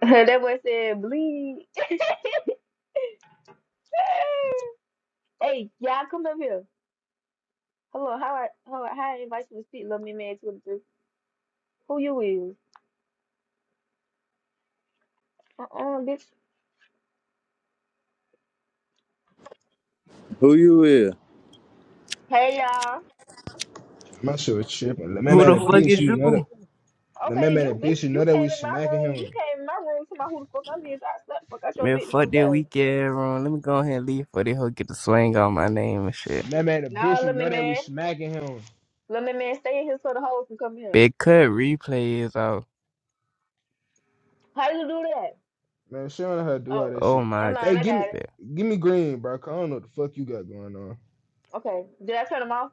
that boy said bleed. hey, y'all come up here. Hello, how I how I, how I invite you to speak, love me man twenty three. Who you is? Uh uh bitch. Who you is? Hey y'all. I'm not sure it's tripping. The man, Who man, the a fuck bitch, is you know that. you? Let man, Okay, man, you a bitch, bitch, you know you that we came in my smacking room. You him. came in my room to my who the fuck I'm is. I slept fuck out your Man, bitch no fuck that guys. weak ass room. Let me go ahead and leave for they hoe get the swing on my name and shit. Let Man, man, a Nah, bitch, you let me know that we man. smacking him. Let me man stay in here so the hoes can come here. Big cut replay is out. How you do that? Man, she don't know how to do all Oh, that Oh shit. never my god. Hey, mind, I give got me, it. yeah. give me green, bro. 'cause I don't know what the fuck you got going on. Okay. Did I turn them off?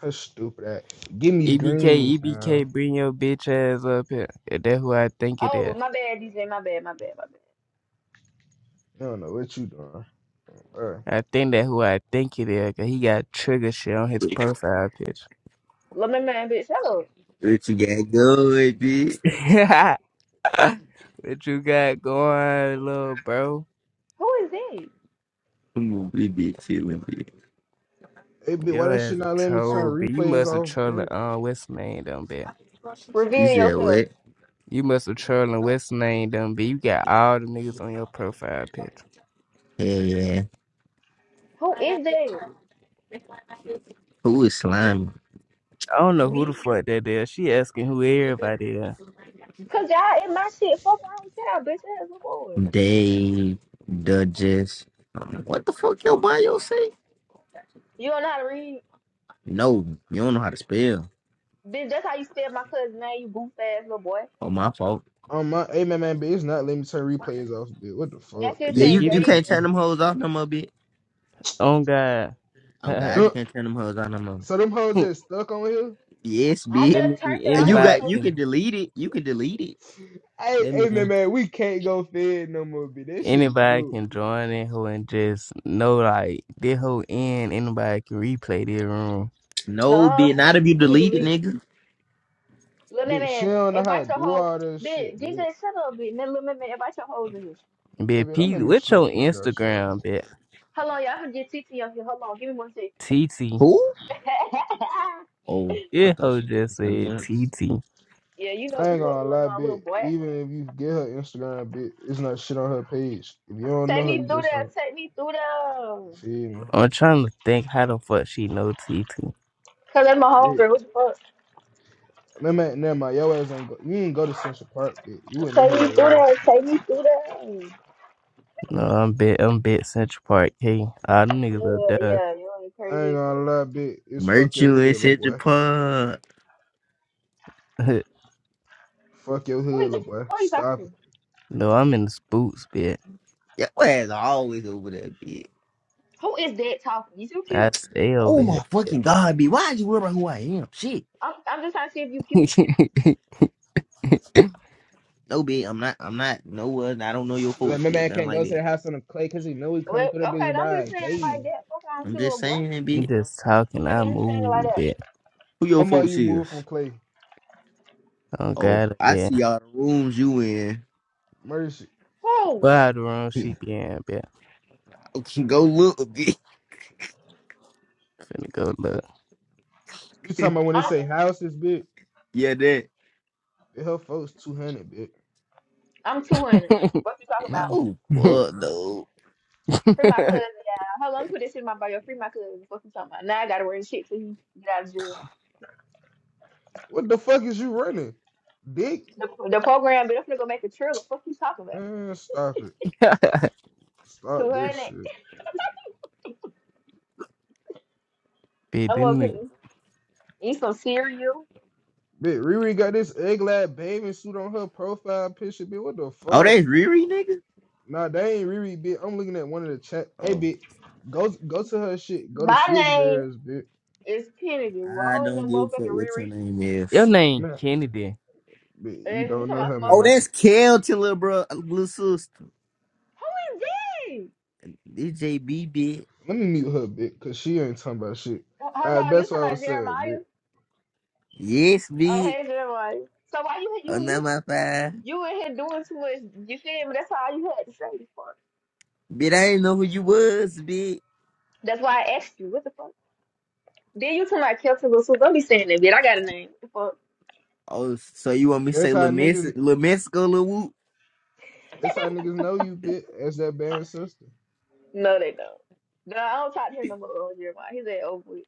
That's stupid. Ass. Give me EBK, green, pal. EBK, bring your bitch ass up here. If that who I think it Oh, is. my bad, DJ, my bad, my bad, my bad. I don't know what you doing, bro. I think that who I think it is, cause he got trigger shit on his What profile picture. Let me man, bitch, hello. you got going, bitch? what you got going, little bro? Who is this? I'm gonna be bitch chilling, bitch. Hey, bitch, why Your that shit ass a not letting me troll, turn but you replays must have off, trolling bitch? on uh, what's his name down there. You Reveal said yourself. what? You must have trolling West name them, but you got all the niggas on your profile picture. Hell yeah. Who is that? Who is slime? I don't know who the Me? fuck that is. She asking who everybody is. Cause y'all in my shit. Fuck around with y'all, bitch ass little boy. Dave, Duchess. Um, What the fuck your bio say? You don't know how to read. No, you don't know how to spell. Bitch, that's how you spell my cousin name, you goof ass little boy. Oh, my fault. On my, hey, man, man, bitch, it's not letting me turn replays off, bitch. What the That fuck? shit Yeah, But say you, give you me Deja. can't turn them hoes off no more, bitch. on God. Oh, that God, you Them- can't turn them hoes off no more. So them hoes just stuck on here. Yes, I bitch. just mean turned it Uh, off You Hey. with got, anybody your you can can. delete it. You can delete it. Hey, That hey, man, mean man, we can't go fed no more, bitch. That shit anybody cute. can join in who and just know like this whole end. Anybody can replay their room. No, No. bitch, not if you You can delete it, delete it. nigga. Little man, Bitch, she man, don't know how to invite your do hoes. all that Bitch, shit, DJ, bitch. shut up, bitch. Man, little man, man, invite your hoes in here. Hey, But bitch, don't Pete, make me what's slap your the shit out y'all. Instagram? Bit Hold on, y'all. I'm gonna get TT on here. Hold on, give me one sec. T. TT. Who? Oh, I This thought hoe she. said just something said else. T yeah, you know what I the ain't fuck gonna going lie, on, little bitch. boy. Even if you get her Instagram, bitch, it's not shit on her page. If you don't Take know her, me you through just don't. there. Take me through there. You feel me? am trying to think how the fuck she know T T. Cause i I'm a Bitch. homegirl. What the fuck? Man, man, never mind. Your ass ain't go. You ain't go to Central Park, bitch. You wouldn't know Take who me that through was. that. Take me through that. No, I'm bit. I'm bit Central Park. Hey, all them Yeah, niggas up there. yeah, you're I crazy ain't as fuck. gonna lie, bitch. It's fuck your Merchant in hood, little Central boy. Park. Fuck your Who hood, is little boy. who are you Stop talking it. to? no, I'm in the spooks bit. Your ass always over there, bitch. Who is that talking? You too I cute. stay over Oh here. my fucking god, bitch. Why is you worried about who I am? Shit. I'm I'm just trying to see if you you cute. No, bitch. I'm not. I'm not. No one. I don't know your Like, folks, my bitch. man Nothing can't like go to that. the house on the clay because he know we Well, coming through the okay, bitch don't be ride. saying it Hey. like that. Fuck on I'm you, little just boy. saying, bitch. just talking. Okay, I you ain't saying it like move that. bit. Who your I'm like folks you is? move from Clay? I don't Oh, got it I bit. see all the rooms you in. murder shit. Who? Well, how the wrong she be in bit. Okay, go look, bitch. Finna go look. You talking about when they I'm say house is big? Yeah, that. The hell folks 200 big. I'm two hundred. What you talking about? Oh fuck, though. Free my cousin, yeah. Hold on, let me put this shit in my bio. Free my cousin. What you talking about? Now I gotta wear shit till he get out of jail. What the fuck is you running? Dick? The, the program, but I'm gonna go make a trailer. What you talking about? Man, stop it. Stop Two this hundred. shit. bit I'm gonna them pick. niggas. Eat some cereal. Bitch, Riri got this egg lab bathing suit on her profile picture, bitch. What the Oh, fuck? that's Riri, nigga. Nah, they ain't Riri, bitch. I'm looking at one of the chat. Hey, Oh, bitch, go go to her shit. Go to My Switch name Girls, bitch. is Kennedy. Well, I I don't know don't give a fuck motherfucking what your Riri. name Your is. name Nah, Kennedy. bitch, you And you don't talking know about her, some man, Oh, motherfucker. man. that's Kel little bro, little sister. Who is this? This JB, bitch. Let me mute her, bitch, because she ain't talking about shit. H- All Hello, right, you that's talking what I about was saying, Jeremiah? bitch. Yes, Oh, bitch. hey Jeremiah. So why you you you Another five. you in here doing too much? You feel me? That's all you had to say. the fuck. Bitch, I ain't know who you was, bitch. That's why I asked you. What the fuck? Then you talking about Kelton Russell? Don't be saying that, bitch. I got a name. Oh, so you want me to That's say how Lil niggas. Mexico, Lil Mexico, Lil Whoop? the That's how fuck? niggas know you, bitch. as that band sister. no, they don't. No, I don't talk to him no more. uh, Jeremiah, he's at over with.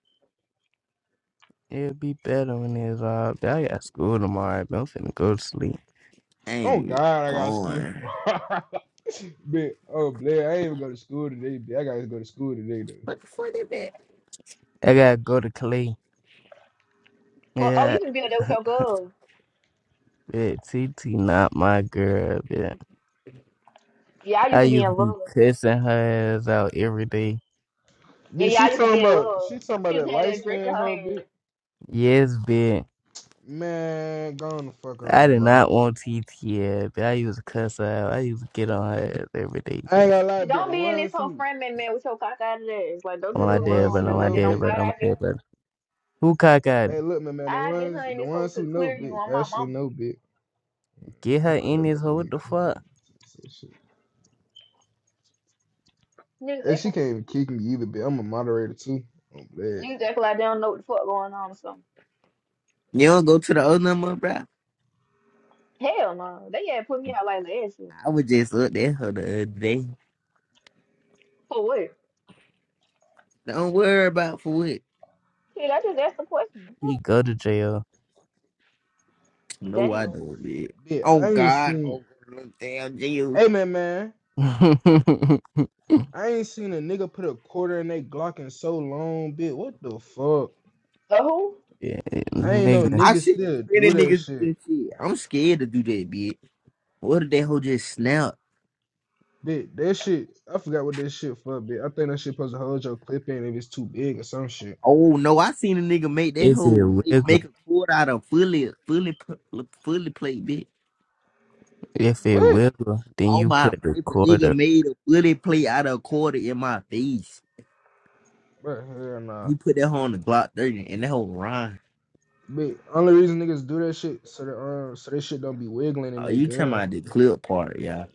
It'll be better when it's all. I got school tomorrow. But I'm finna go to sleep. Ain't Oh it God, I got to school. gone? bitch. oh Blair, I ain't even go to school today, bitch. I gotta go to school today though. What the fuck is that? bitch? I gotta go to Clay. Well, oh, Yeah. you can be in there with your girl. Bitch, T T not my girl, bitch. Yeah, I used I to be used in to be love. cussing her ass out every day. And Bitch, she y'all just talking be in about love. she talking She about just that had light that drink in skin her hoe, hand. bitch. Yes, bitch. Man, go on the fuck I on, did bro. not want T T ass, bitch. I used to cuss her out. I used to get on her ass every day, I ain't bitch. gonna lie, bit. Don't The be in this ones whole who, friend man, man with your cock out of that. like, don't I'm be hey, the my doing my dad, ones brother. who I'm homegirl my like know, that. On dad, bitch. brother. God, I'm my I get dad, brother. Who cock out it? Hey, look, man, man. The I get ones, her in the this hole ones to who know, clear you bitch. on my Actually mama. know, bitch. Get Let me her put in her this back hole. on What me, the cool. fuck? Shit. Niggas And acting, she can't even kick me either, bitch. I'm a moderator too. I'm glad. niggas acting like they don't know what the fuck going on or something. You don't go to the old number, bro. Hell no. They had put me out like last year. I was just up there her the other day. For what? Don't worry about for what. Shit, I just asked a question. He The go to jail. fuck? No, I Damn. don't, bitch. Bit, Oh I ain't God, seen. oh little damn jail. Amen, man, yeah, I ain't seen a nigga put a quarter in they Glock in so long, bitch. What the fuck? Uh, who? I ain't know nigga, I niggas see still pretty do that niggas do shit, this shit. I'm scared to do that, bitch. What if that hoe just snap? bitch. That shit, I forgot what that shit for, bitch. I think that shit supposed to hold your clip in if it's too big or some shit. Oh no, I seen a nigga make that if it hoe make, make wiggle, a quarter out of fully, fully, pu- fully plate, bitch. if it What? wiggle, then All you my life, put the a nigga quarter. made a bullet play out of a quarter in my face. But hell nah, He put that hoe on the Glock 30 and that whole rhyme. bitch. Only reason niggas do that shit so that um so that shit don't be wiggling in Oh, their you talking gun. about the clip part, yeah.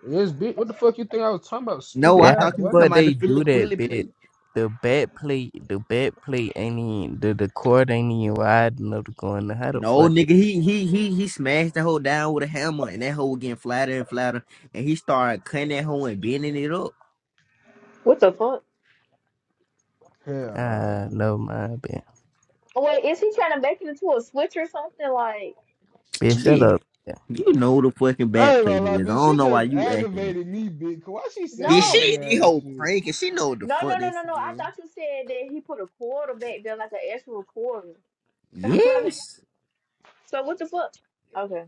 Yes, bitch. What the fuck you think I was talking about, No, stupid I Yeah, how ass thought the you were boy? talking fuck about the they do Philly, Philly that, bitch? play. The back plate, the back plate ain't even, the, the cord ain't even wide enough to go in there. How the No, fuck they, nigga, he he he he smashed that hoe down with a hammer and that hoe was getting flatter and flatter. And he started cutting that hoe and bending it up. What the fuck? Hell nah, ah, bit. no, my bad. Wait, is he trying to make it into a switch or something? Like, Bitch, shut Bitch, up. Yeah. you know the fucking bad I ain't play gonna lie, this. is. I bitch. don't She know why just you acting. aggravated me, bitch. 'cause Why she say Bitch, that no. she dumb in the ass whole shit? prank and she know what the No, no, fuck no, this no, no. shit I is. thought you said that he put a quarter back there like an actual quarter. Yes. so what the fuck? Okay.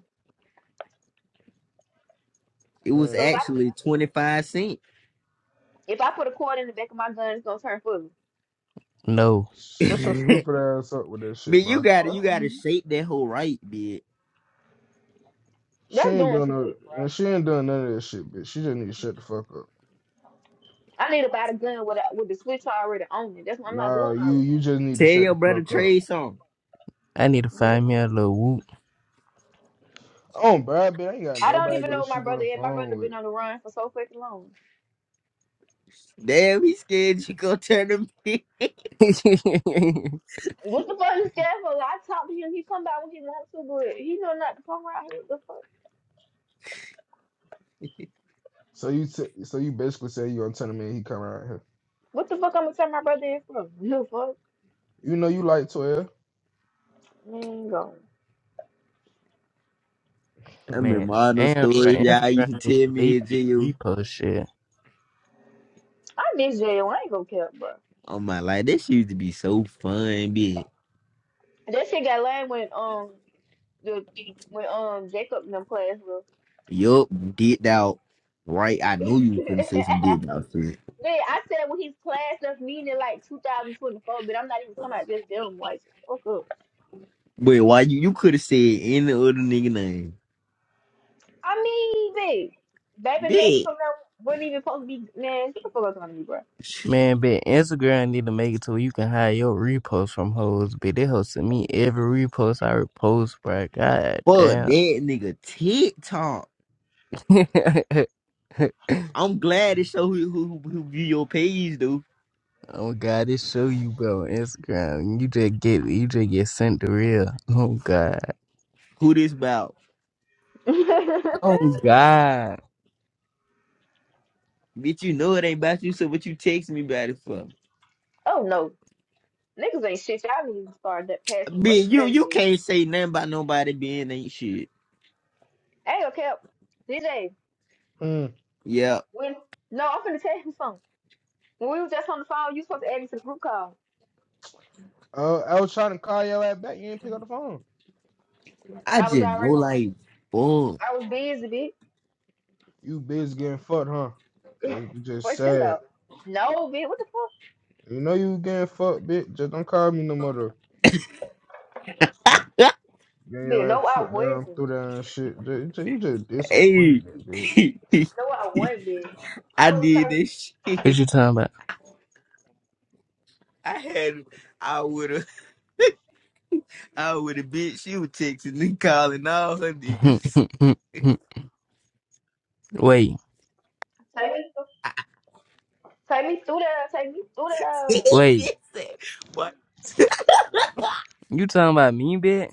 It was Man, So if I actually 25 cents. if I put a cord in the back of my gun, it's gonna turn full. No, Shut your man, stupid ass up with that shit, you bro. gotta you gotta shape that whole right, bitch. She They're ain't doing doing too no, much, bro. and she ain't doing none of that shit, bitch. She just need to shut the fuck up. I need to buy the gun with a, with the switch already on it. That's why I'm not Nah, doing all you this. you just need to Tell shut your the brother fuck up. trade some. I need to Yeah. find me a little whoop. Oh, bro, bitch, I ain't got I don't nobody to even go to know where my sleep on brother the is. My brother phone with. been on the run for so fucking long. Damn, he scared you gonna turn him. What the fuck is scared for? I talk to him. He come back when he wants to, but he know not to come around here. What the fuck? So you t- so you basically say you gonna tell the man he come around here. What the fuck I'm gonna turn my brother in for? No fuck. You know you like twelve. Man, go. I remember Hmm. Man, all those damn, bro, stories y'all used Instagram need to tell to leave me in these jail. repost shit. I miss jail. I ain't gonna care, bro. Oh my life, this used to be so fun, bitch. That shit got lame when um the when um Jacob in them class was. Yup, dipped out. Right, I knew you couldn't say some dipped out shit. Man, I said when his class left meaning like 2024, but I'm not even talking about just them. Like, fuck up. But why you you could have said any other nigga name, I mean, babe, baby bitch? Mexico now wasn't even supposed to be. Man, shut the fuck up, going to me, bro. Man, bitch, Instagram need to make it to where you can hide your repost from hoes, bitch. They hosting me every repost I repost, bro. Fuck that God nigga TikTok. damn. I'm glad it show who who who, who view your page though. Oh God, it show you, bro, on Instagram. You just get you just get sent the real. Oh God. Who this about? Oh God. Bitch, you know it ain't about you, so what you text me about it for? oh no, niggas ain't shit. Y'all need to start that passing away Bitch, for you that you shit. can't say nothing about nobody being ain't shit. Hey, okay, DJ. Hmm. Yeah. When no, I'm finna tell you something. When we was just on the phone, you supposed to add me to the group call. Uh, I was trying to call your ass back. You ain't pick up the phone. I I was just know already, like fuck. I was busy, bitch. You busy getting fucked, huh? Just just Boy, chill sad. out. No, bitch, what the fuck? You know you getting fucked, bitch. Just don't call me no more. though. Get Bitch, your no, ass I took down, wasn't. threw down and shit. Ju- ju- You just hey. disappointed, dude. No, I wasn't, bitch. I I was did trying to this What shit. you talking I had I would've I would've bitch she was texting and calling all her niggas. about? wait, take me, take me through there, take me through there. Bitch wait. said, what? You talking about me, bitch?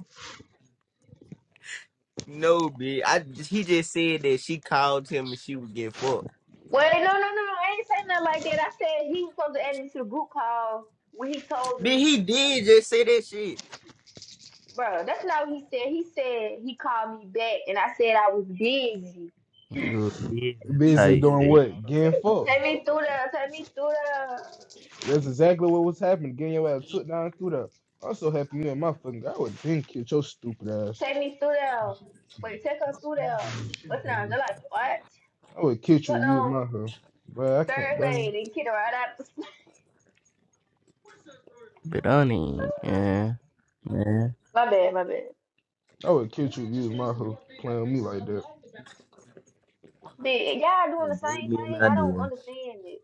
No, bitch. I he just said that she called him and she was getting fucked. Wait, no, no, no, no, I ain't saying nothing like that. I said he was supposed to add me to the group call when he told Bitch, me, he did just say that shit. bro, that's not what he said. He said he called me back and I said I was busy. You busy He Busy said, type doing don't shit. call what? him back. Getting You fucked. good Take me fuck. through there, take me through there, That's exactly what was happening. Getting your ass took down, threw down. I'm so happy you and my fucking I would then kill your stupid ass. take me through there. Wait, take her through there. But now they're like, what? I would kill But you, you and no, my hoe. But I can't Thursday, blame. they kicked her right out. But I don't even, yeah, yeah. My bad, my bad. I would kill you, you and my hoe playing with me like that. But y'all So doing the gave same me an thing. I don't idea. understand it.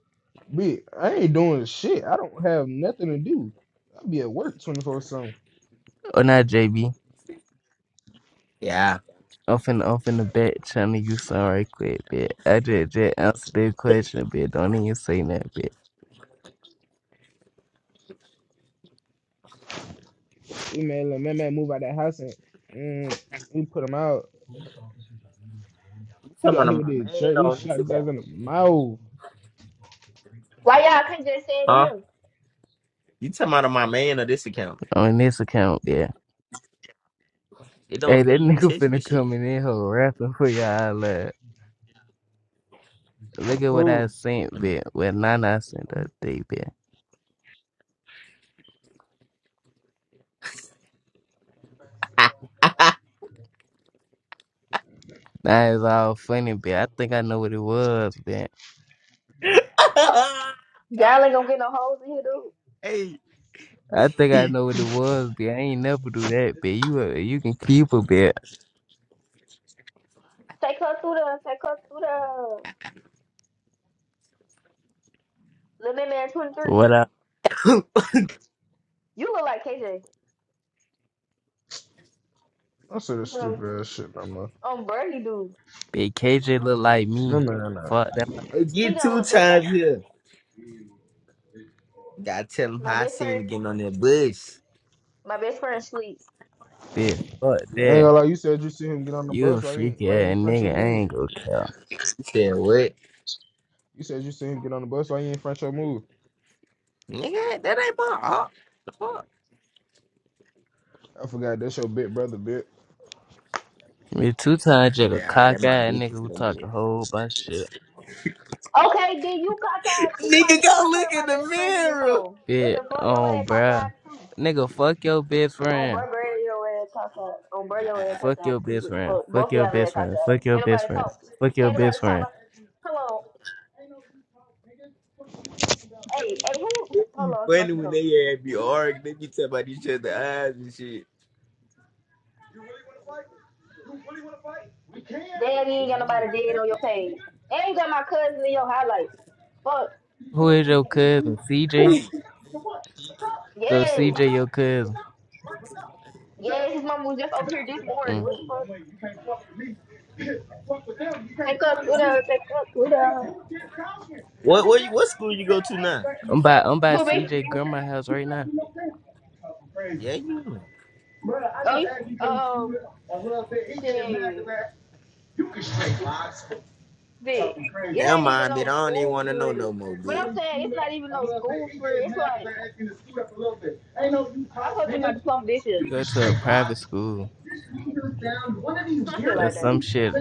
Bitch, I ain't doing shit. I don't have nothing to do. i be at work 24 7. Or not, JB. Yeah. off in off in the back trying to use sorry quick, bitch. I just just answer the question, bitch. Don't even say that, bitch. You man, let man, man move out that house and mm, we put him out. You He talking got hit with about my that man shirt. We on this shot his account? ass in the mouth. Why y'all can't just say it to Huh? him? You talking about my man on this account? On this account, bitch. It don't Hey, say that you nigga text me finna shit. come in here whole rapping for y'all. Look, look at what I Who? sent, bitch. What Nana sent that day, bitch. That is all funny, bitch. I think I know what it was, bitch. Y'all ain't gonna get no hoes in here, dude. hey, I think I know what it was, but I ain't never do that, but you uh, you can keep a bit. Take her through the, take her through the little man 23. What up? You look like KJ. I said this Um, stupid ass shit, my man. um Birdie dude. But KJ look like My me. man, nah. I Fuck that my I He get don't two look big. times here. Gotta tell him My how I best seen friend, him getting on that bus. my best friend sleep. bit. Fuck ain't that. gonna lie. You said you see him get on the You a bus. Why you ain't, freaky why you ass ain't front your nigga, I move? ain't gonna care. He said, what? You said you see him get on the bus. Why you ain't front your move? Nigga, that ain't my op. The fuck? I forgot that's your big brother, bit. Me two times just a Yeah, that cock my ass dick nigga is who gonna talk a be. whole bunch of shit. Okay, then you cockeyed too. Like Nigga, this, go I put look in my the best friend in this mirror. hole. What the Bit fuck? Your ass on bruh. cockeyed too. Nigga, fuck your best On friend. bro, bro, your ass cockeyed. On bro, your ass Fuck cockeyed your too. best What the friend. fuck? Both Fuck of y'all your ass best friend. cockeyed. Fuck your Can't best nobody friend. talk. Fuck your Can't nobody best talk friend. about. Come on. Hey, hey, who? who It hold be on. I'm gonna funny see when something. they had be arguing, they be talking about each other's eyes and shit. Damn, you ain't Yeah, got mama. nobody dead on your page. And you got my cousin in your highlight. Fuck. Who is your cousin? Who? CJ? What? So Yes. CJ your cousin. Yes, his mama was just over here this Mm. morning. What the fuck? Take up. What up? Take up. What up? What? you- What school you go to now? I'm by I'm by Who me? CJ grandma house right now. Yeah, you. know. Oh, you- um, shit. Vic. It Never ain't even mind, bitch. I no don't even school want to for know real. no more, But bitch. I'm saying it's not even no school for real. It's like. I posted my diploma this year. You go to a private school Some shit or like some that. shit.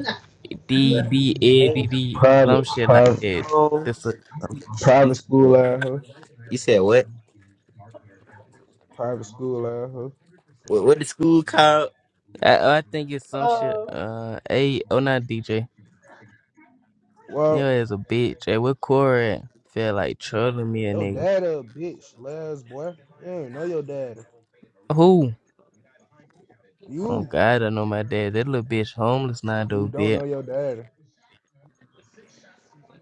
Well, D go D to E bank, D D some Private, shit like private, that. cornerstone. This a, some, You private said school what? out here. You said what? Private school, uh, huh? What, what the school called? I, I think it's some shit. Uh, Uh, a oh not DJ. Well, Yo, as a bitch. Hey, what Corey at? feel like trolling me a Your nigga. dad a bitch, Les boy. You don't know your daddy. Who? Oh You, God, I know my dad. That little bitch homeless now though, you don't bitch. know your daddy.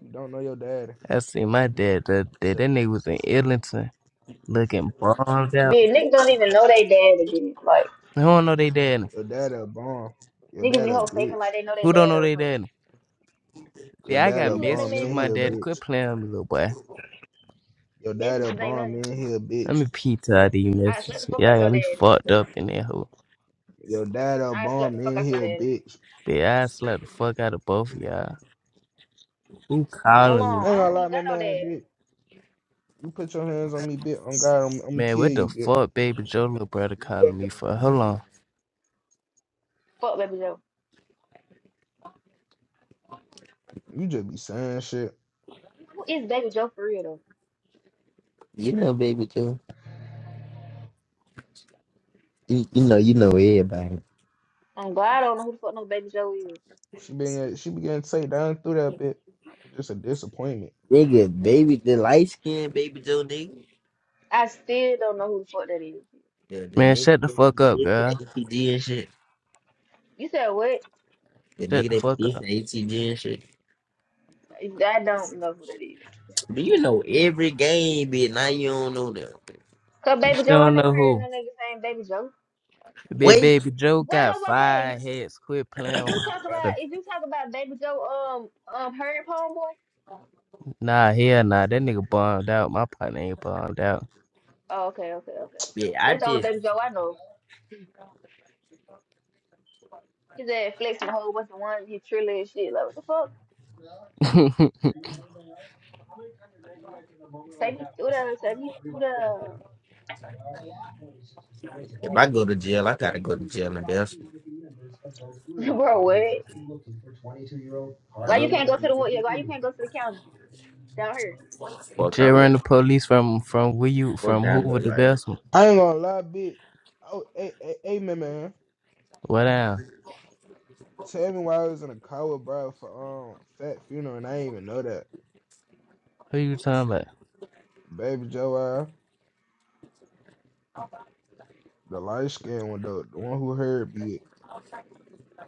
You don't know your daddy. I seen my dad. That that, Your, that nigga was in Islington looking bombed out. bitch, niggas don't even know they dad again. Like, Who don't know they dad? your daddy a bomb. Your niggas dad be a whole faking bitch. like they know their Who don't dad know or they something. dad? Your Yeah, I got You dad'll little man, bomb messages with man in my 23. here, daddy, Quit bitch. playing with me, little boy. Your dad'll Messages ain't bomb nothing. in here, Let bitch. me peep to all these I slept the messages. fuck out Y'all your got me daddy. fucked up in that hoe. Your dad'll I slept the bomb fuck in out your here, daddy. bitch. Yeah, I slapped the fuck out of both of y'all. Who Hold calling me, I on, ain't I gonna don't man? lie, even got man, no man, daddy. bitch. You put your hands on me, bitch. I'm God, I'm, I'm gonna Man, kill what the you, bitch. fuck, baby Joe little brother You calling can't go me for? Hold forward. on. Fuck Baby Joe. You just be saying shit. Who is Baby Joe for real though? You know, baby Joe. You, you know, you know everybody. I'm glad I don't know who the fuck no Baby Joe is. She been she began to take down through that bitch. Just a disappointment. Nigga, baby, the light skinned baby Joe nigga. I still don't know who the fuck that is. The the Man, nigga shut the that fuck up, be dissing girl. ATG and shit. You said what? The Shut nigga the that fuck be dissing up. ATG and shit. I don't know who that is. Do you know every game, bitch? Now you don't know them. Cause You Baby still Joe, I don't never know heard who. of no nigga saying Baby Joe. Big Wait, baby Joe Wait, got wait, wait, wait. five heads. Quit playing Did with you my talk about brother. did you talk about Baby Joe um um Herb homeboy? Nah, hell nah. That nigga bombed out. My partner ain't bombed out. Oh okay, okay, okay, okay. bitch. I That's the only just Baby Joe I know. His ass flexing a whole bunch of one he trilling and shit. Like what the fuck? Take me through the take me through if I go to jail, I gotta go to jail and that's the bro what? now Why you nobody can't go to know the who one- yeah, the why you can't go to the county down here? fuck I Jay ran look. the police from from where you Fuck from I Hoover look to like. Bethel. I ain't gonna lie, bitch. Oh, hey, hey, hey, man, man. What now? Tell me why I was in a car with bro for um fat funeral and I ain't even know that. Who you talking about? Baby Joe, I, the light skin one, the, the one who heard me.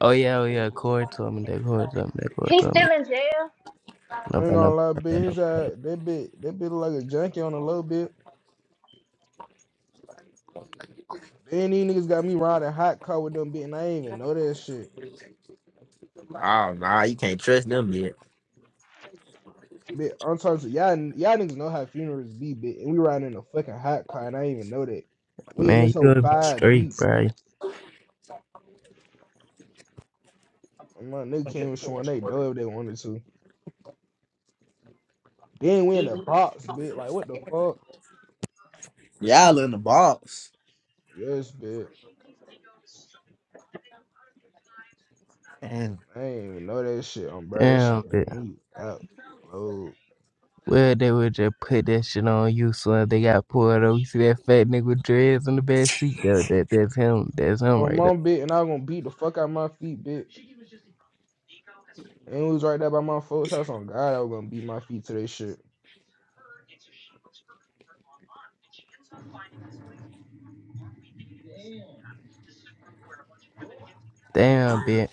Oh yeah, oh yeah. Corey told me that. Corey told me that. Corey He's told me. still in jail. No, I no, ain't no, gonna lie, but no. bitch. no. His ass, that bitch, that bitch look like a junkie on a little bit. Then these niggas got me riding hot car with them bitch, and I ain't even know that shit. Oh nah, you can't trust them yet. bitch. I'm talking to y'all. Y'all niggas know how funerals be, bitch. and we riding in a fucking hot car, and I ain't even know that. We in Man, you this whole gotta be five straight, deep, bro. and my nigga can't even show they door if they wanted to. Then we in the box, bitch. Like what the fuck? Y'all in the box. Yes, bitch. Man. I ain't even know that shit, um, bro. That Damn, shit had bitch. me out, bro. Well, they would just put that shit on you, so if they got pulled over, you see that fat nigga with dreads in the back seat. That, that that's him. That's him On right my there. mom, bitch, and I was gonna beat the fuck out of my feet, bitch. And it was right there by my folks' house. On God, I was gonna beat my feet to that shit. Damn, bitch.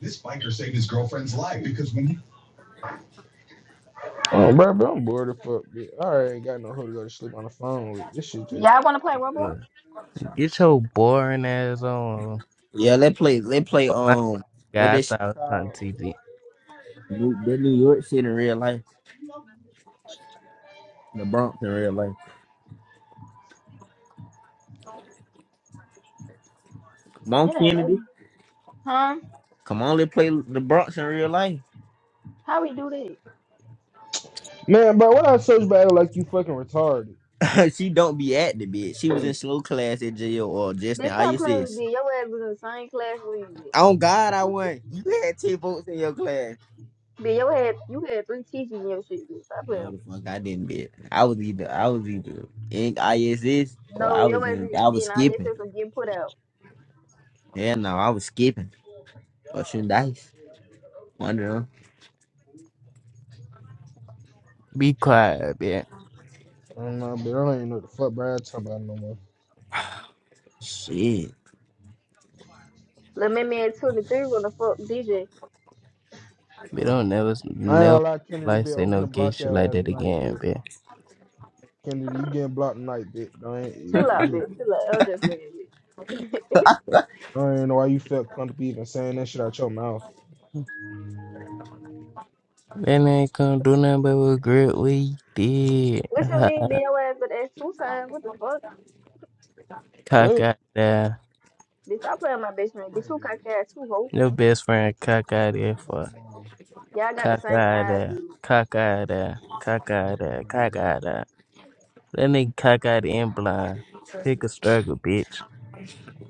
This biker saved his girlfriend's life because when he Oh, bro, bro, I'm bored of fuck, bitch. I already ain't got no hoe to go to sleep on the phone with. This shit just. Y'all wanna play Roblox? Look, Get your boring ass on. Yeah, they play. They play. Oh my Um, what they god, I shit thought I was on called? TV. New, that New York shit in real life. The Bronx in real life. Come on, It ain't Kennedy. nothing. Huh? Come on, let's play the Bronx in real life. How we do that? Man, bro, what I search battle like you fucking retarded? she don't be acting, bitch. She was in slow class at jail or just They now. stop playing with ISS. me. Your ass was in the same class with me. On God, I won. You had ten votes in your class. Bitch, your head, you had three teachers in your shit, bitch. Stop No, playing. the fuck, I didn't bet. I was either I was either in ISS or No, I your was ass is in I was eating. All your skipping. sisters getting put out. Hell no, I was skipping or shooting dice. One of them. Be quiet, bitch. I don't know, but I don't even know what the fuck, bro. I talk about no more. Shit. Let me man two to three gonna fuck DJ. We don't never, I ain't gonna never lie, Kennedy, like bitch. say I'm no finna gay block shit your like ass that tonight, again, bitch. bitch. Kennedy, you Brr. getting blocked tonight, bitch. I ain't, Chill out, bitch. just- Chill out. I was just playing with you. I don't even know why you felt comfortable even saying that shit out your mouth. That man couldn't do nothing but regret what he did. What you mean, be your ass but ass two times? What the fuck? cock What? out there. Bitch, I play on my best friend. Bitch, you cock ass too, hoe. Your best friend cock out there for Y'all got the cock same out eyes. there. Cock out there. Cock out there. Cock out there. That nigga cock out and blind. Pick a struggle, bitch.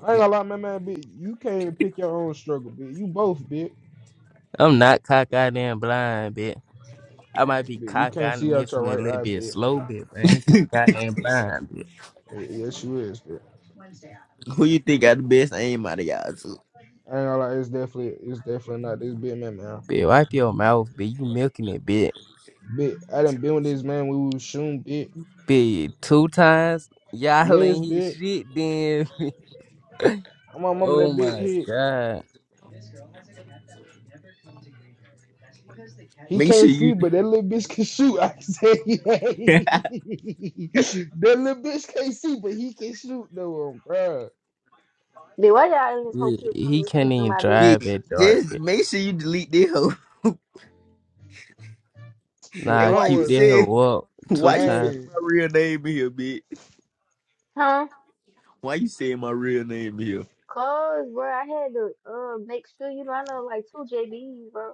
I ain't gonna lie, man, man, bitch. You can't even pick your own struggle, bitch. You both, bitch. I'm not cock out and blind, bitch. I might be Bitch, you cock can't out and see out your missing a right little eye, bit bitch. slow, bitch, but I ain't cock out and blind, bitch. Hey, Yes, you is, bitch. Who you think got the best aim out of y'all? Two? I ain't gonna lie, it's definitely, it's definitely not this big man, man. Bitch, wipe your mouth, bitch. You milking it, bitch. Bitch, I done been with this man when we was shooting, bitch. Bitch, two times. Y'all Yes, ain't hit bitch. shit then. My mama, that Oh bitch my hit. god. He Make sure can't see, you but that little bitch can shoot. I say, that little bitch can't see, but he can shoot though, um, bruh. Bitch, why y'all in this whole Dude, field come He to can't speaking to even my best friend? drive Bitch, at dark, just man. make sure you delete this hoe. Bitch, And Nah, I why keep you was that say hoe up two why you times. saying gang. my real name in here, bitch? Huh? Why you saying my real name in here? Cause, bro, I had to uh make sure, you know, I know like two JBs, bro.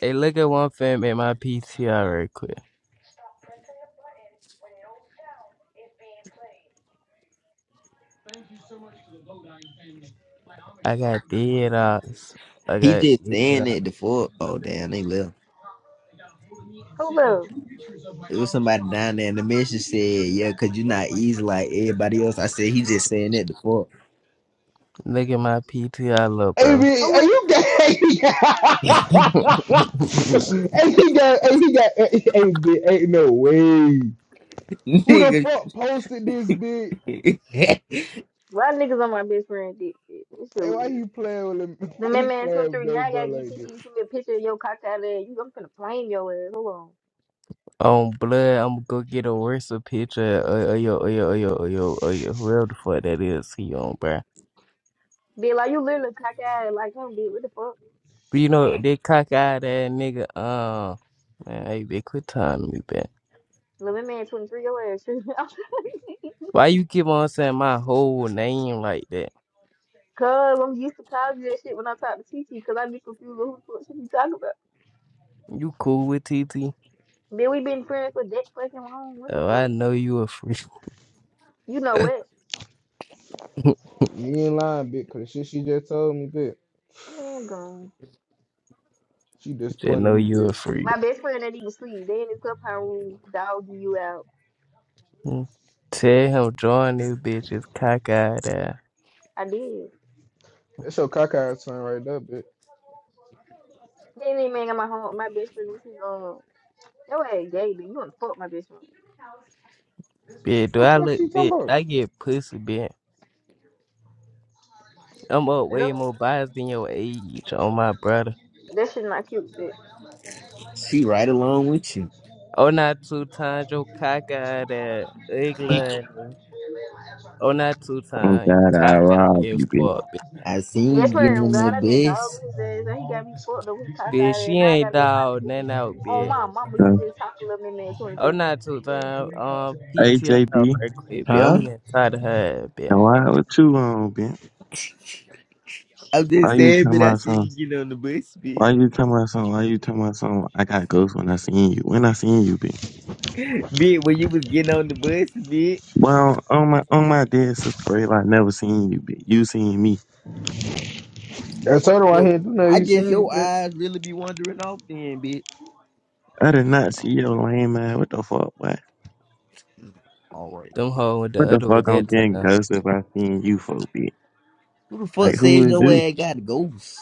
Hey, look at one film at my PTR real quick. I got dead eyes. I He got just dead saying eyes. that the fuck. Oh damn, they left. Hold up. It was somebody down there in the message said, yeah, cause you're not easy like everybody else. I said, he just saying that before. Look at my PTR, look, Hey, bro. bitch, Who hey, is? you gang. hey, he got, hey, he got, hey, hey, bitch, ain't no way. Who the Nigga, fuck posted this bitch? Why niggas on my best friend dick? Bitch? This shit Hey, why weird. he playing with him? The Why man he man playing swim with through now. baby I bro gotta get like TT that? to send me a picture of your cockeyed ass. You, I'm gonna flame your ass. Hold on. On blood, I'm gonna get a worse picture. Oh, oh, yo, oh, yo, oh, yo, oh, yo, oh, yo. Real the fuck that is, he on, bro. Be like, you literally cockeyed like him, bitch. What the fuck? But you know, that cockeyed ass nigga, uh, man, hey, bitch, quit telling me, bitch. The man man 23 your ass. Why you keep on saying my whole name like that? Cause I'm used to college that shit when I talk to TT, cause I be confused with who the fuck she be talking about. You cool with TT? Then we been friends for that fucking long. What the Oh, I fuck? know you a freak. You know what? You ain't lying, bitch, cause the shit she just told me, bitch. Man gone. She Just disappointed know me, you a bitch. freak. My best friend that even sleep. They in the clubhouse room dogging you out. Mm. Tell him join this bitch is cockeyed ass. I did. That's your cockeyed son right there, bitch. Then they man got my home my best friend and she's um, your ass gay, bitch. You wanna fuck my best friend. Bitch, do What the I fuck look she talking bitch? about? I get pussy, bitch. I'm up way more biased than your age on my brother. That shit not cute, bitch. she right along with you. Oh, not two times your cockeyed ass. Ugly. ass nigga. Oh, not two Oh times. You God, I cockeyed rob as you, bitch. fuck, bitch. I seen That's you where getting I'm on God, the I need all bus. his ass. and He got me fucked up. He Bitch, cockeyed she and now I ain't gotta go find dog, a pussy. nothing out, Oh bitch. my mama, you Huh? just talk a little bit man, 23. Oh, And not two time. Um, Hey, PTR JB, right quick, bitch. I'm Huh? getting tired of her, ass, bitch. now why what you on, bitch? I'm just Why you saying, tell but I my seen you son? getting on the bus, bitch. Why you tell my son? Why you tell my son? I got ghosts when I seen you. When I seen you, bitch. Bitch, when you was getting on the bus, bitch. Well, on my on my dead sister grave, I never seen you, bitch. You seen me. That's her why he So ain't do nothing. I You guess seen your it, bitch. eyes really be wandering off then, bitch. I did not see your lame man. What the fuck, boy? All right, Them bitch. hoes went the What the other way fuck? I'm that getting time. ghosts if I seen you for a bit. Who the fuck Like who says would your do? ass got a ghost?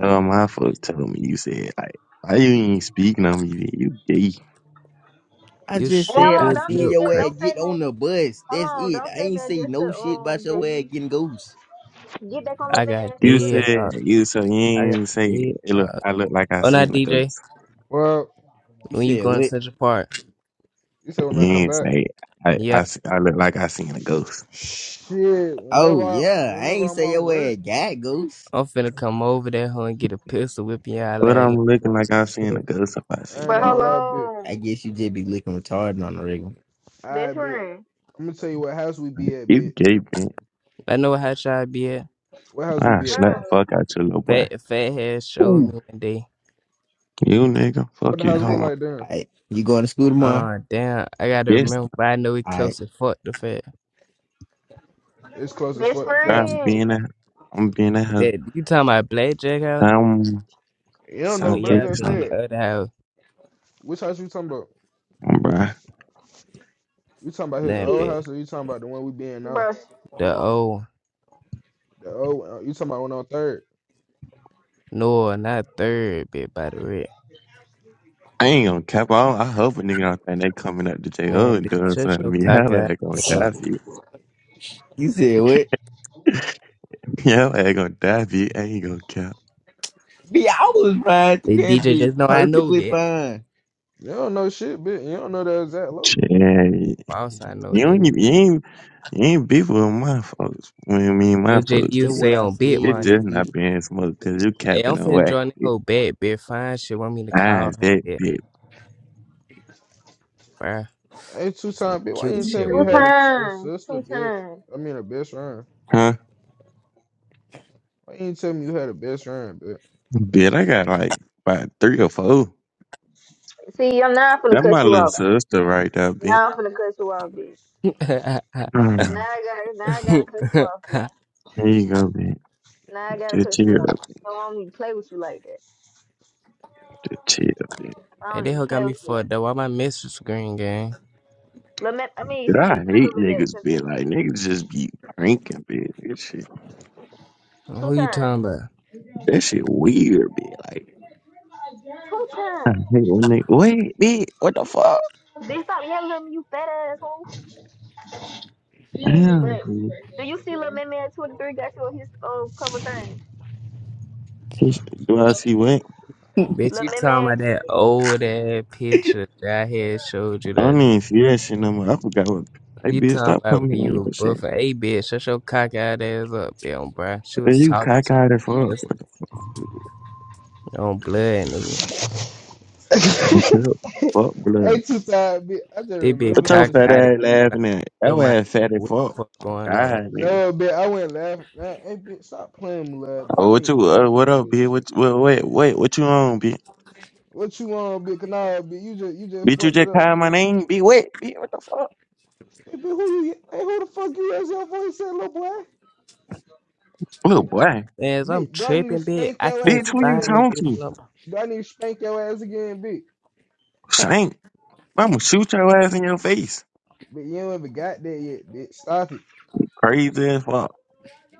Oh, my folks told me you said like. Why you ain't speaking on me? bitch? You gay. I You just shoot hold said I on, through the don't be seen milk your just crate. ass don't get say nothing. on the bus. Hold That's on, it. don't I say ain't that say just to no shit about um your ass JB. getting ghosts. Get back on little I bit man, got You 23 dead said ass. up. you so you I ain't got even say dead "Hey, look. up. I look like I Oh, not seen a DJ. ghost. Well, You When you said going to what? Central Park, you said when I You come ain't back. say I I, yeah, s- I look like I seen a ghost. Shit, Oh whenever I yeah, I whenever ain't I'm say off your ass work, got ghosts. I'm finna come over there, hoe and get a pistol whipping y'all But leg. I'm looking like I seen a ghost if I I ain't But seen you. gonna hold lie, bitch. on, I guess you just be looking retarded on the regular. best Alright, bitch. friend, I'm gonna tell you what house we be at, You bitch. gaping. I know how y'all be at. What house we I be bro, at? slap the fuck out your little boy. Fat, fat head showed me Ooh, one day. You nigga, What fuck the you nah. house look talking I, about. like, damn? I- you going to school tomorrow? Uh, damn, I gotta Yes, remember, but I know he All right. close as fuck to fat. It's close as best fuck to bro, fact. I'm friend, being a I'm being a hoe. That you talking about Blackjack House? I'm You don't know, some but I Yeah, fifty just been something, said. other house. Which house you talking about? bro. You talking about his Nothing old bitch, bit house or you talking about the one we be in now? bro. Come The on, old, The old uh, you talking about one on third. no, not third bit by the way. I ain't gonna cap on. I hope a nigga out there they coming up to jail Man, and bitch, doing shut something to your me. cock Hell, out. I gonna die up. for you. You said what? Hell, I gonna die for you. I ain't gonna cap. B, I was fine. The That DJ be just know I know, perfectly bit fine. You don't know shit, bitch. You don't know the exact look. Shit, you don't Boss, I even, know, you nigga. ain't you ain't beef with my folks. When I mean my What JD folks, you That's bitch. what say I on said. bit it money? just Bitch. not being smoked because you Hey, I'm capping on finna wax. join the bitch. whole bad bit Fine shit, want me to call Eyes her, that bitch, bitch, bruh. Ain't two Some time, bitch. Why you cute ain't tell shit, me two you want me had to. a, t- a times, sister, two bitch? times. I mean a best friend. huh? Why you ain't tell me you had a best friend, Bitch, I got like about three or four. See, I'm not finna That cut my you little off. sister right there, bitch. Now I'm finna cut you off, bitch. Now Mm, I got to now I hey, gotta cut you off here. There you go, bitch. Now I gotta Just cut you chill, off. You know, I don't even play with you like that. just chill, bitch. I don't they even hoe got play me with you like fucked up. Why that. my mistress green gang? Lament, I mean, But I shit, not a hate little niggas, bit. bitch. Like niggas just be pranking, bitch. That shit, Two Who you times, talking about? that shit weird, bitch. Like, two I times. hate when they wait, bitch. What the fuck? Bitch, stop yelling at me, you fat asshole. But Damn, do you see Lil Man Man 23 got you on his uh, cover thing? He s- do I see what? Bitch, Lil you Man talking Man, about that old ass picture that I had showed you I that don't even see that shit no more. I forgot what. Hey, you bitch, talking stop about putting me when on you were your shit. buffing. Hey bitch, shut your cock out ass up, damn bruh. She And was you talking cockeyed as talking, fuck. listen What the on blood nigga. fuck? I'm bitch? fat. Fuck blood. Hey, two time, bitch. I just They be remember What your cock some fat out shit, ass bitch. like laughing at? your That mind ass fat as what the fuck. fuck Oh, going on. God, nigga. No, bitch. I went laughing. Man, hey, bitch, stop playing me, lad. Boy, I Oh, wasn't what you? even Uh, laughing what at up, this bitch? shit. What? What? Wait, wait. What you on, bitch? What you on, bitch? Nah, bitch. You just you just Bitch, you fucked it just up, called my bitch. name. Be wet, bitch. What the fuck? Hey, bitch, who you? Hey, who the fuck you as your voice said, little boy. Little boy. As I'm Bitch, do I need to tripping bitch, spank I your can't ass Bitch, who you again? find it talking bitch to? no more. Do I need to spank your ass again, bitch? Shank. I'ma shoot your ass in your face. Bitch, you ain't even got that yet, bitch. Stop it. Crazy as fuck.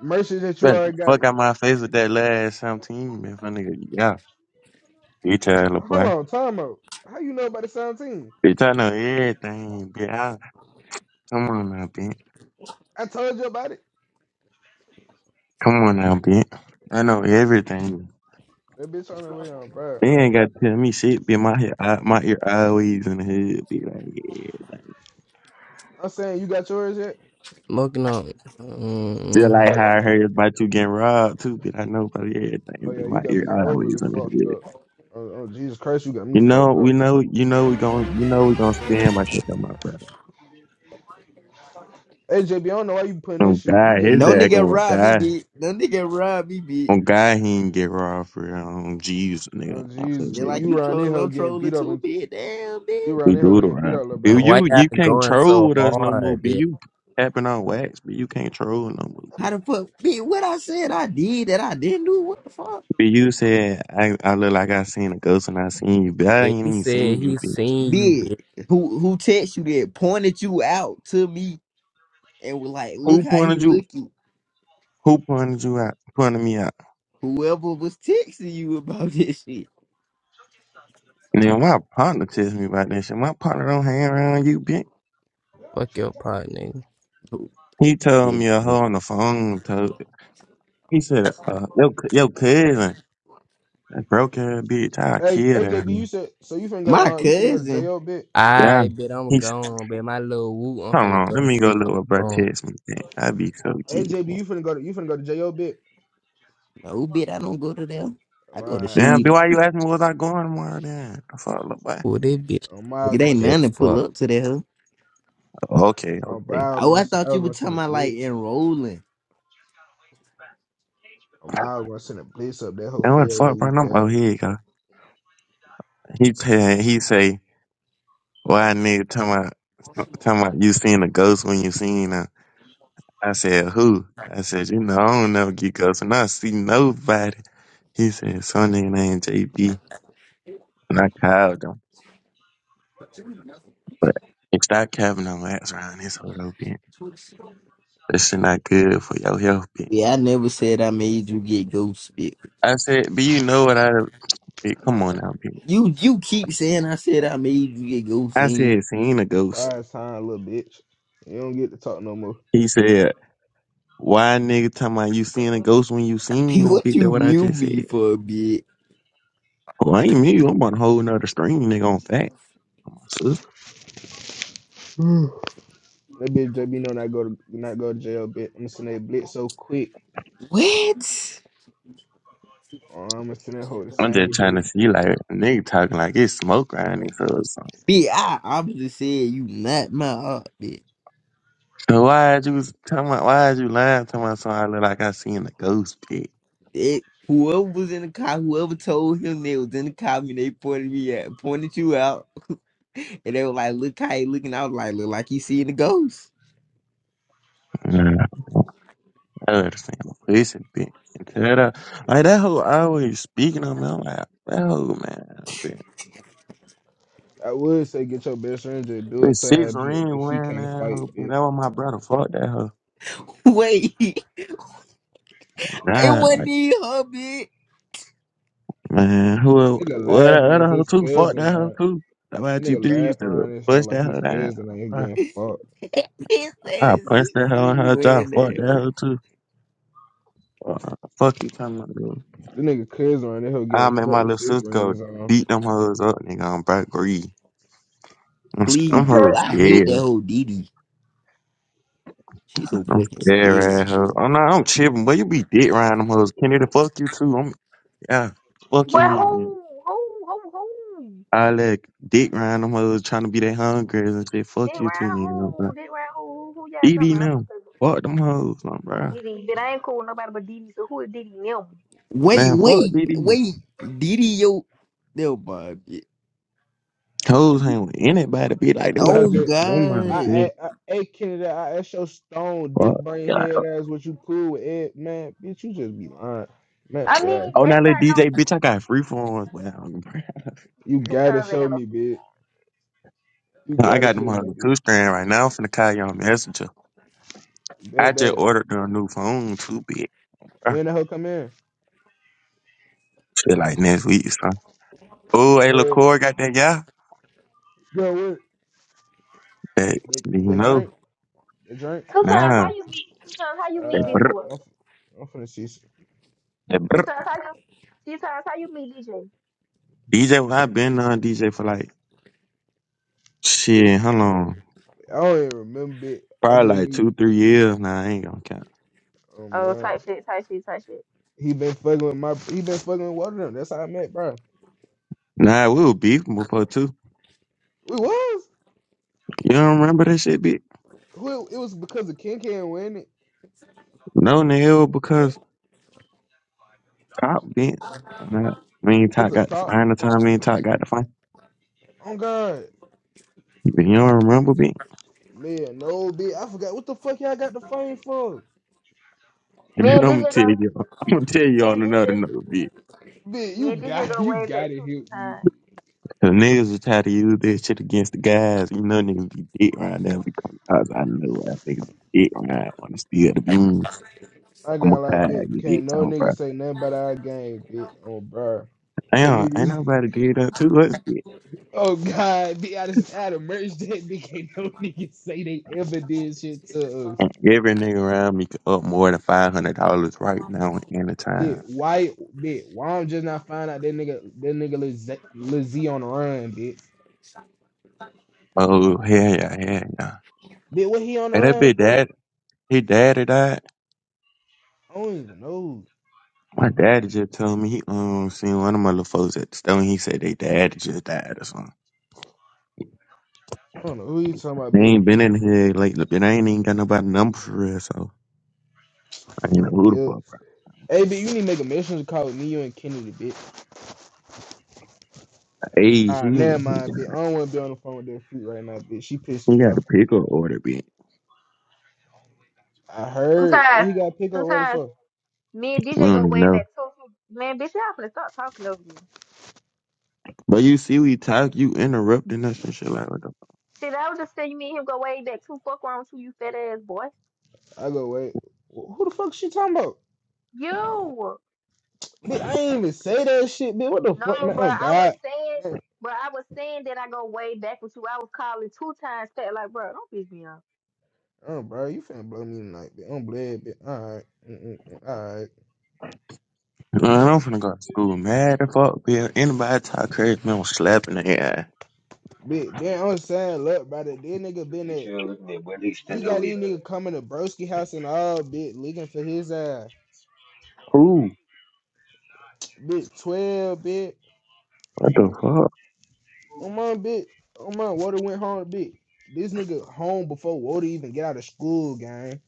Mercy that you Better get already the got it. fuck out my face with that last 17, man. My nigga, yeah. You What you? little Hold boy. on, time out. How you know about the 17? Bitch, I know everything, bitch. I, come on now, bitch. I told you about it. Come on now, bitch. I know everything. That bitch on the way on, bro. They ain't got to tell me shit, bitch. My, head, I, my ear always in the hood, bitch. Like, yeah. I'm saying you got yours yet? smoking on Just mm-hmm. like how I heard about you getting robbed, too, bitch. I know about everything, Oh but yeah, you my got ear me overly always in the fucked hood. up. Oh, oh Jesus Christ, you got me You fucked know, up. we know, you know, we gon' you know, we gon' stand by that, though, my brother. Hey JB, I don't know why you putting that On shit. You God, getting his beat No up, ass little nigga boy. gonna rob me, die. bitch. No nigga rob me, bitch. On God, he ain't get robbed for um, Jesus, nigga. Oh My Jesus, folks Just bitch, never. like you you around there trolling, hoe I'm getting trolling beat up too, and. bitch. Damn, bitch. You around We in here do it getting beat up, around. little here. bro. Why you you y'all can't going troll so with us no more. hard, B, bitch? you tapping on wax, but you can't troll no more. B, How the fuck? Be what I said I did that I didn't do. What the fuck? B you said I, I look like I seen a ghost and I seen you, but I Bitch, ain't he even said seen you. he B, seen you, Did bitch. who who text you that pointed you out to me and was like, look who how he pointed you? looking. Who pointed you out? Pointed me out. Whoever was texting you about this shit. And then my partner tells me about this shit. My partner don't hang around you, bitch. Fuck your partner. Oh He told shit. me a hoe on the phone. Told, he said, uh, your, c- your cousin, that broke her bitch. I Hey, killed her. AJB, you said so. You finna go to My uh, you finna go to cousin. JO bit. Yeah. I bet I'm He, s- gone, bet my little woo. I'm hold finna on. go Let to me go sleep look on the what bro phone. text me, man. I be so geek, AJB, man. you finna go to you finna go to JO bit. No bitch, I don't go to them. I go to Alright, I Damn, was, B, Sheen. Y, you asking me was I going tomorrow then? The fuck, look back. Ooh, this bitch I'm mild It gonna, ain't s- fat nothing to fuck. pull up to there. Okay, I'm okay. mild Oh, gonna, I send, thought I you was were gonna talking send a about like blitz. enrolling. I'm mild gonna send a blitz up that hoe Then for what your the fuck, little bro? weak I'm, oh, ass. here you go. He, t- he say, well, I need to tell my, talking about you seen a ghost when you seen her. I said, who? I said, you know, I don't never get ghosts and I see nobody. He said, some nigga named JB. And I called him. But if stop having no ass around this whole little bit, that shit not good for your health, bitch. Yeah, I never said I made you get ghost bitch. I said, but you know what I, bitch, come on now, bitch. You you keep saying I said I made you get ghost I said, seen a ghost. Quiet time, little bitch. You don't get to talk no more. He said, "Why nigga talking about you seeing a ghost when you seen P, them? what Bitch, that you what I mute just me said. for a bit? Oh, I ain't me. I'm on a whole nother stream, nigga. On fact, my sister. that bitch JB know not go to not go to jail bit. I'm gonna send that blitz so quick. What? Oh, I'm gonna send that hoe the I'm just same trying to day. see like a nigga talking like it's smoke around this or something. B, I obviously said you not my aunt, bitch. So why you was talking about? Why you lying talking about something I look like I seen a ghost, bitch? It, whoever was in the car, whoever told him they was in the car, and they pointed me at, pointed you out, and they were like, "Look how he looking." I was like, "Look like he seeing the ghost." Nah, I would have seen a pussy, bitch. And tell her, like that hoe always speaking on me. I'm like that hoe, man, bitch. I would say get your best friend to do a This six tad bit, ring but she wearing can't that fight, hoe, bitch. bitch. That was my brother. Fuck that hoe. Wait, it Nah, like." wasn't even her, bitch. Man, who el- Nigga well that laughing other at hoe his too? Fuck cousin that hoe around. too. That my That g nigga three used laughing to around this hoe punch like that his hoe down? cousin ain't I, getting fucked. It I says punched that it's hoe in me her jaw. wearing Fuck that that. hoe too. Uh, fuck you talking about dude. That nigga cousin around that hoe I getting made fucked my with little six sister go rings on. beat them hoes up, nigga. I'm back greed. I'm sc- Please, them he cut. dude, hoes I hate that scared. whole Didi. She's so I'm fucking scared scary. at her. Oh no, I'm tripping. But you be dick riding them hoes. Kenny the fuck you too. I'm yeah. Fuck you, But nigga. who, who, who, who? I like dick riding them hoes trying to be that hungry and shit. Dick Fuck you too, round nigga. who? Dick round who? Who who? y'all talking DD about? I'm not now. talking about Fuck them hoes, man, bro. Diddy, but I ain't cool with nobody but Diddy. So who is Diddy? and Them. Wait, Man, fuck wait, DD. wait. Diddy, yo. Yo, my. Hoes hang with anybody, be like, that And what I I Oh, be just, talking about, I, I, I, God. bitch. hey Kennedy, I asked your stone dick Fuck. brain Yeah, head like, ass what you cool with Ed, man. Bitch, you just be lying, man. I Yeah, mean, oh, now that's let not. DJ, bitch, I got free phones. Well, bruh. you Two gotta times ain't show got no me, future. bitch. You I gotta got them show me, hoes two bitch. strand right now. I'm finna call you on Messenger. I Bet just that. ordered them a new phone, too, big, bro. When the hoe come in, Shit, like next week, son. Oh, hey, Bet. LaCour got that, yeah? girl, where That, the you the know, drink, the drink. Two times nah. how you meet? Two times how you meet That Uh, these brr, but boys? I'm, I'm finna see. Some, that Two brr. times how you? Two times how you meet DJ? DJ, well, i been on DJ for like, yeah, shit, how long? I don't even remember it. I just Probably like knew. two, three years now. I ain't gonna count. Oh Oh, my, type shit, type shit, type shit. he been fucking with my. He been fucking with Water Them. That's how I met, bro. It Nah, we were beefing before too. was. You don't remember that shit, bitch? Who? It was because of Ken Can win it. No, Neil, because Top bent. Nah, me and Cause Top of got the fight. top. How many time me and Top got the fight? Oh God, But you don't remember, bitch? man, no, bitch. I forgot what the fuck y'all got the fame for. If Me you and know, I'm DJ gonna go, tell you. I'm gonna tell you me on and DJ, another note, bitch. Bitch, you me and DJ got go you way got back to two, help two me, times. bitch. Cause niggas was trying to use this shit against the guys. You know, niggas be dick right now because I was- I know I niggas be dick right on the steal the beans. I I'm a got like, bitch. cag, you Can't bitch. no Oh, nigga bro. say nothing about our game, bitch. Oh, bro. Cause Damn, ain't niggas, nobody did that to us, bitch. oh God, bitch, I just out of merch that bitch. Can't no nigga say they ever did shit to us. Every nigga around me could up more than five hundred dollars right now in the time. Bitch, why, bitch, why I'm just not find out that nigga, that nigga Liz- Lizzie on the run, bitch. Oh hell yeah, hell yeah. Bitch, what he on the Hey, that run big for? dad, his daddy died. I don't even know. My daddy just told me he um seen one of my little folks at the store and he said they daddy just died or something. I don't know who you talking about, They bitch. ain't been in here lately, but I ain't even got nobody number for real, so I ain't know On the who the hill. fuck. right? Hey, bitch, you need to make a mission call with me, you and Kennedy, bitch. Hey, he Nah, he never mind, got, bitch. I don't want to be on the phone with that freak right now, bitch. She pissed he me got off. a pickle order, bitch. I Two heard. times, when he got pick two up where the times. fuck? Me and I DJ go don't even way know. back two, two. Man, bitch, y'all finna stop talking over me. But you see, we talk, you interrupting us and shit like that. Shit, I was just saying, you me and him go way back two. Fuck wrong with you, you fat ass boy. I go, wait. Who the fuck she talking about? You. Bitch, I ain't even say that shit, bitch. What the fuck, No, man? Oh, but I was God. saying, Man, but I was saying that I go way back with you. I was calling two times, back, like, bro, don't piss me off. Oh, bro, you finna blow me tonight, bitch. I'm bled, bitch. Alright. Alright. Man, To I'm finna go to school mad the fuck, bitch. Anybody talk crazy, man, I'm slapping their ass. Bitch, then I'm saying, look, brother, this nigga been beat at, you up, looking at what they he stand got over these your head. nigga coming to Broski house and all, bitch, looking for his ass. Who? Bitch, 12, bitch. What the fuck? Oh, my, bitch. Oh, my, Water went home, bitch. This nigga home before Water even get out of school, gang.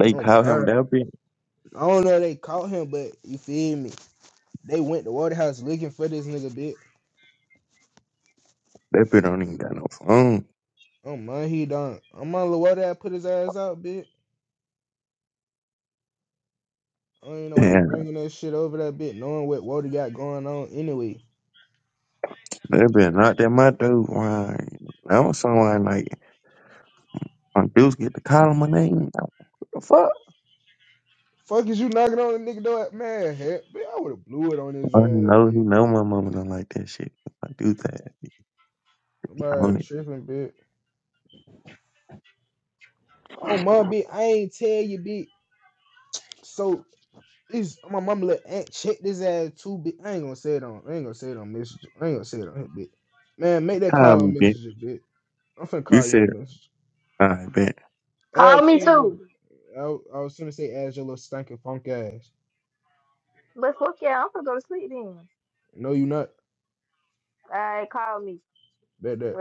They Oh, call him bro. that bitch? I don't know if they caught him, but you feel me? They went to Water house looking for this nigga, bitch. That bitch don't even got no phone. Oh, my, he done. Oh, my, Water put his ass out, bitch. I don't even know why he Yeah, bringing that shit over that bit, knowing what Wody got going on anyway. that bitch knocked at my dude. Why? I was somewhere like, my dudes get to call him my name. What the fuck? Fuck is you knocking on the nigga door? Man, heck, bitch, I would have blew it on his I ass, know he bitch. know my mama don't like that shit. I do that. I Bro, want it. tripping, bitch. Oh my bitch, I ain't tell you, bitch. So it's my mama let aunt check this ass too, bitch. I ain't gonna say it on, I ain't gonna say it on message. I ain't gonna say it on here, bitch. Man, make that Call call me, on bitch. messages, bitch. I'm finna You call you said, on message. all right, bitch. Call Add me too. Kennedy. I, I was gonna say add your little stinking funk ass. But fuck yeah, I'm gonna go to sleep then. No, you not. All right, call me. Bet that.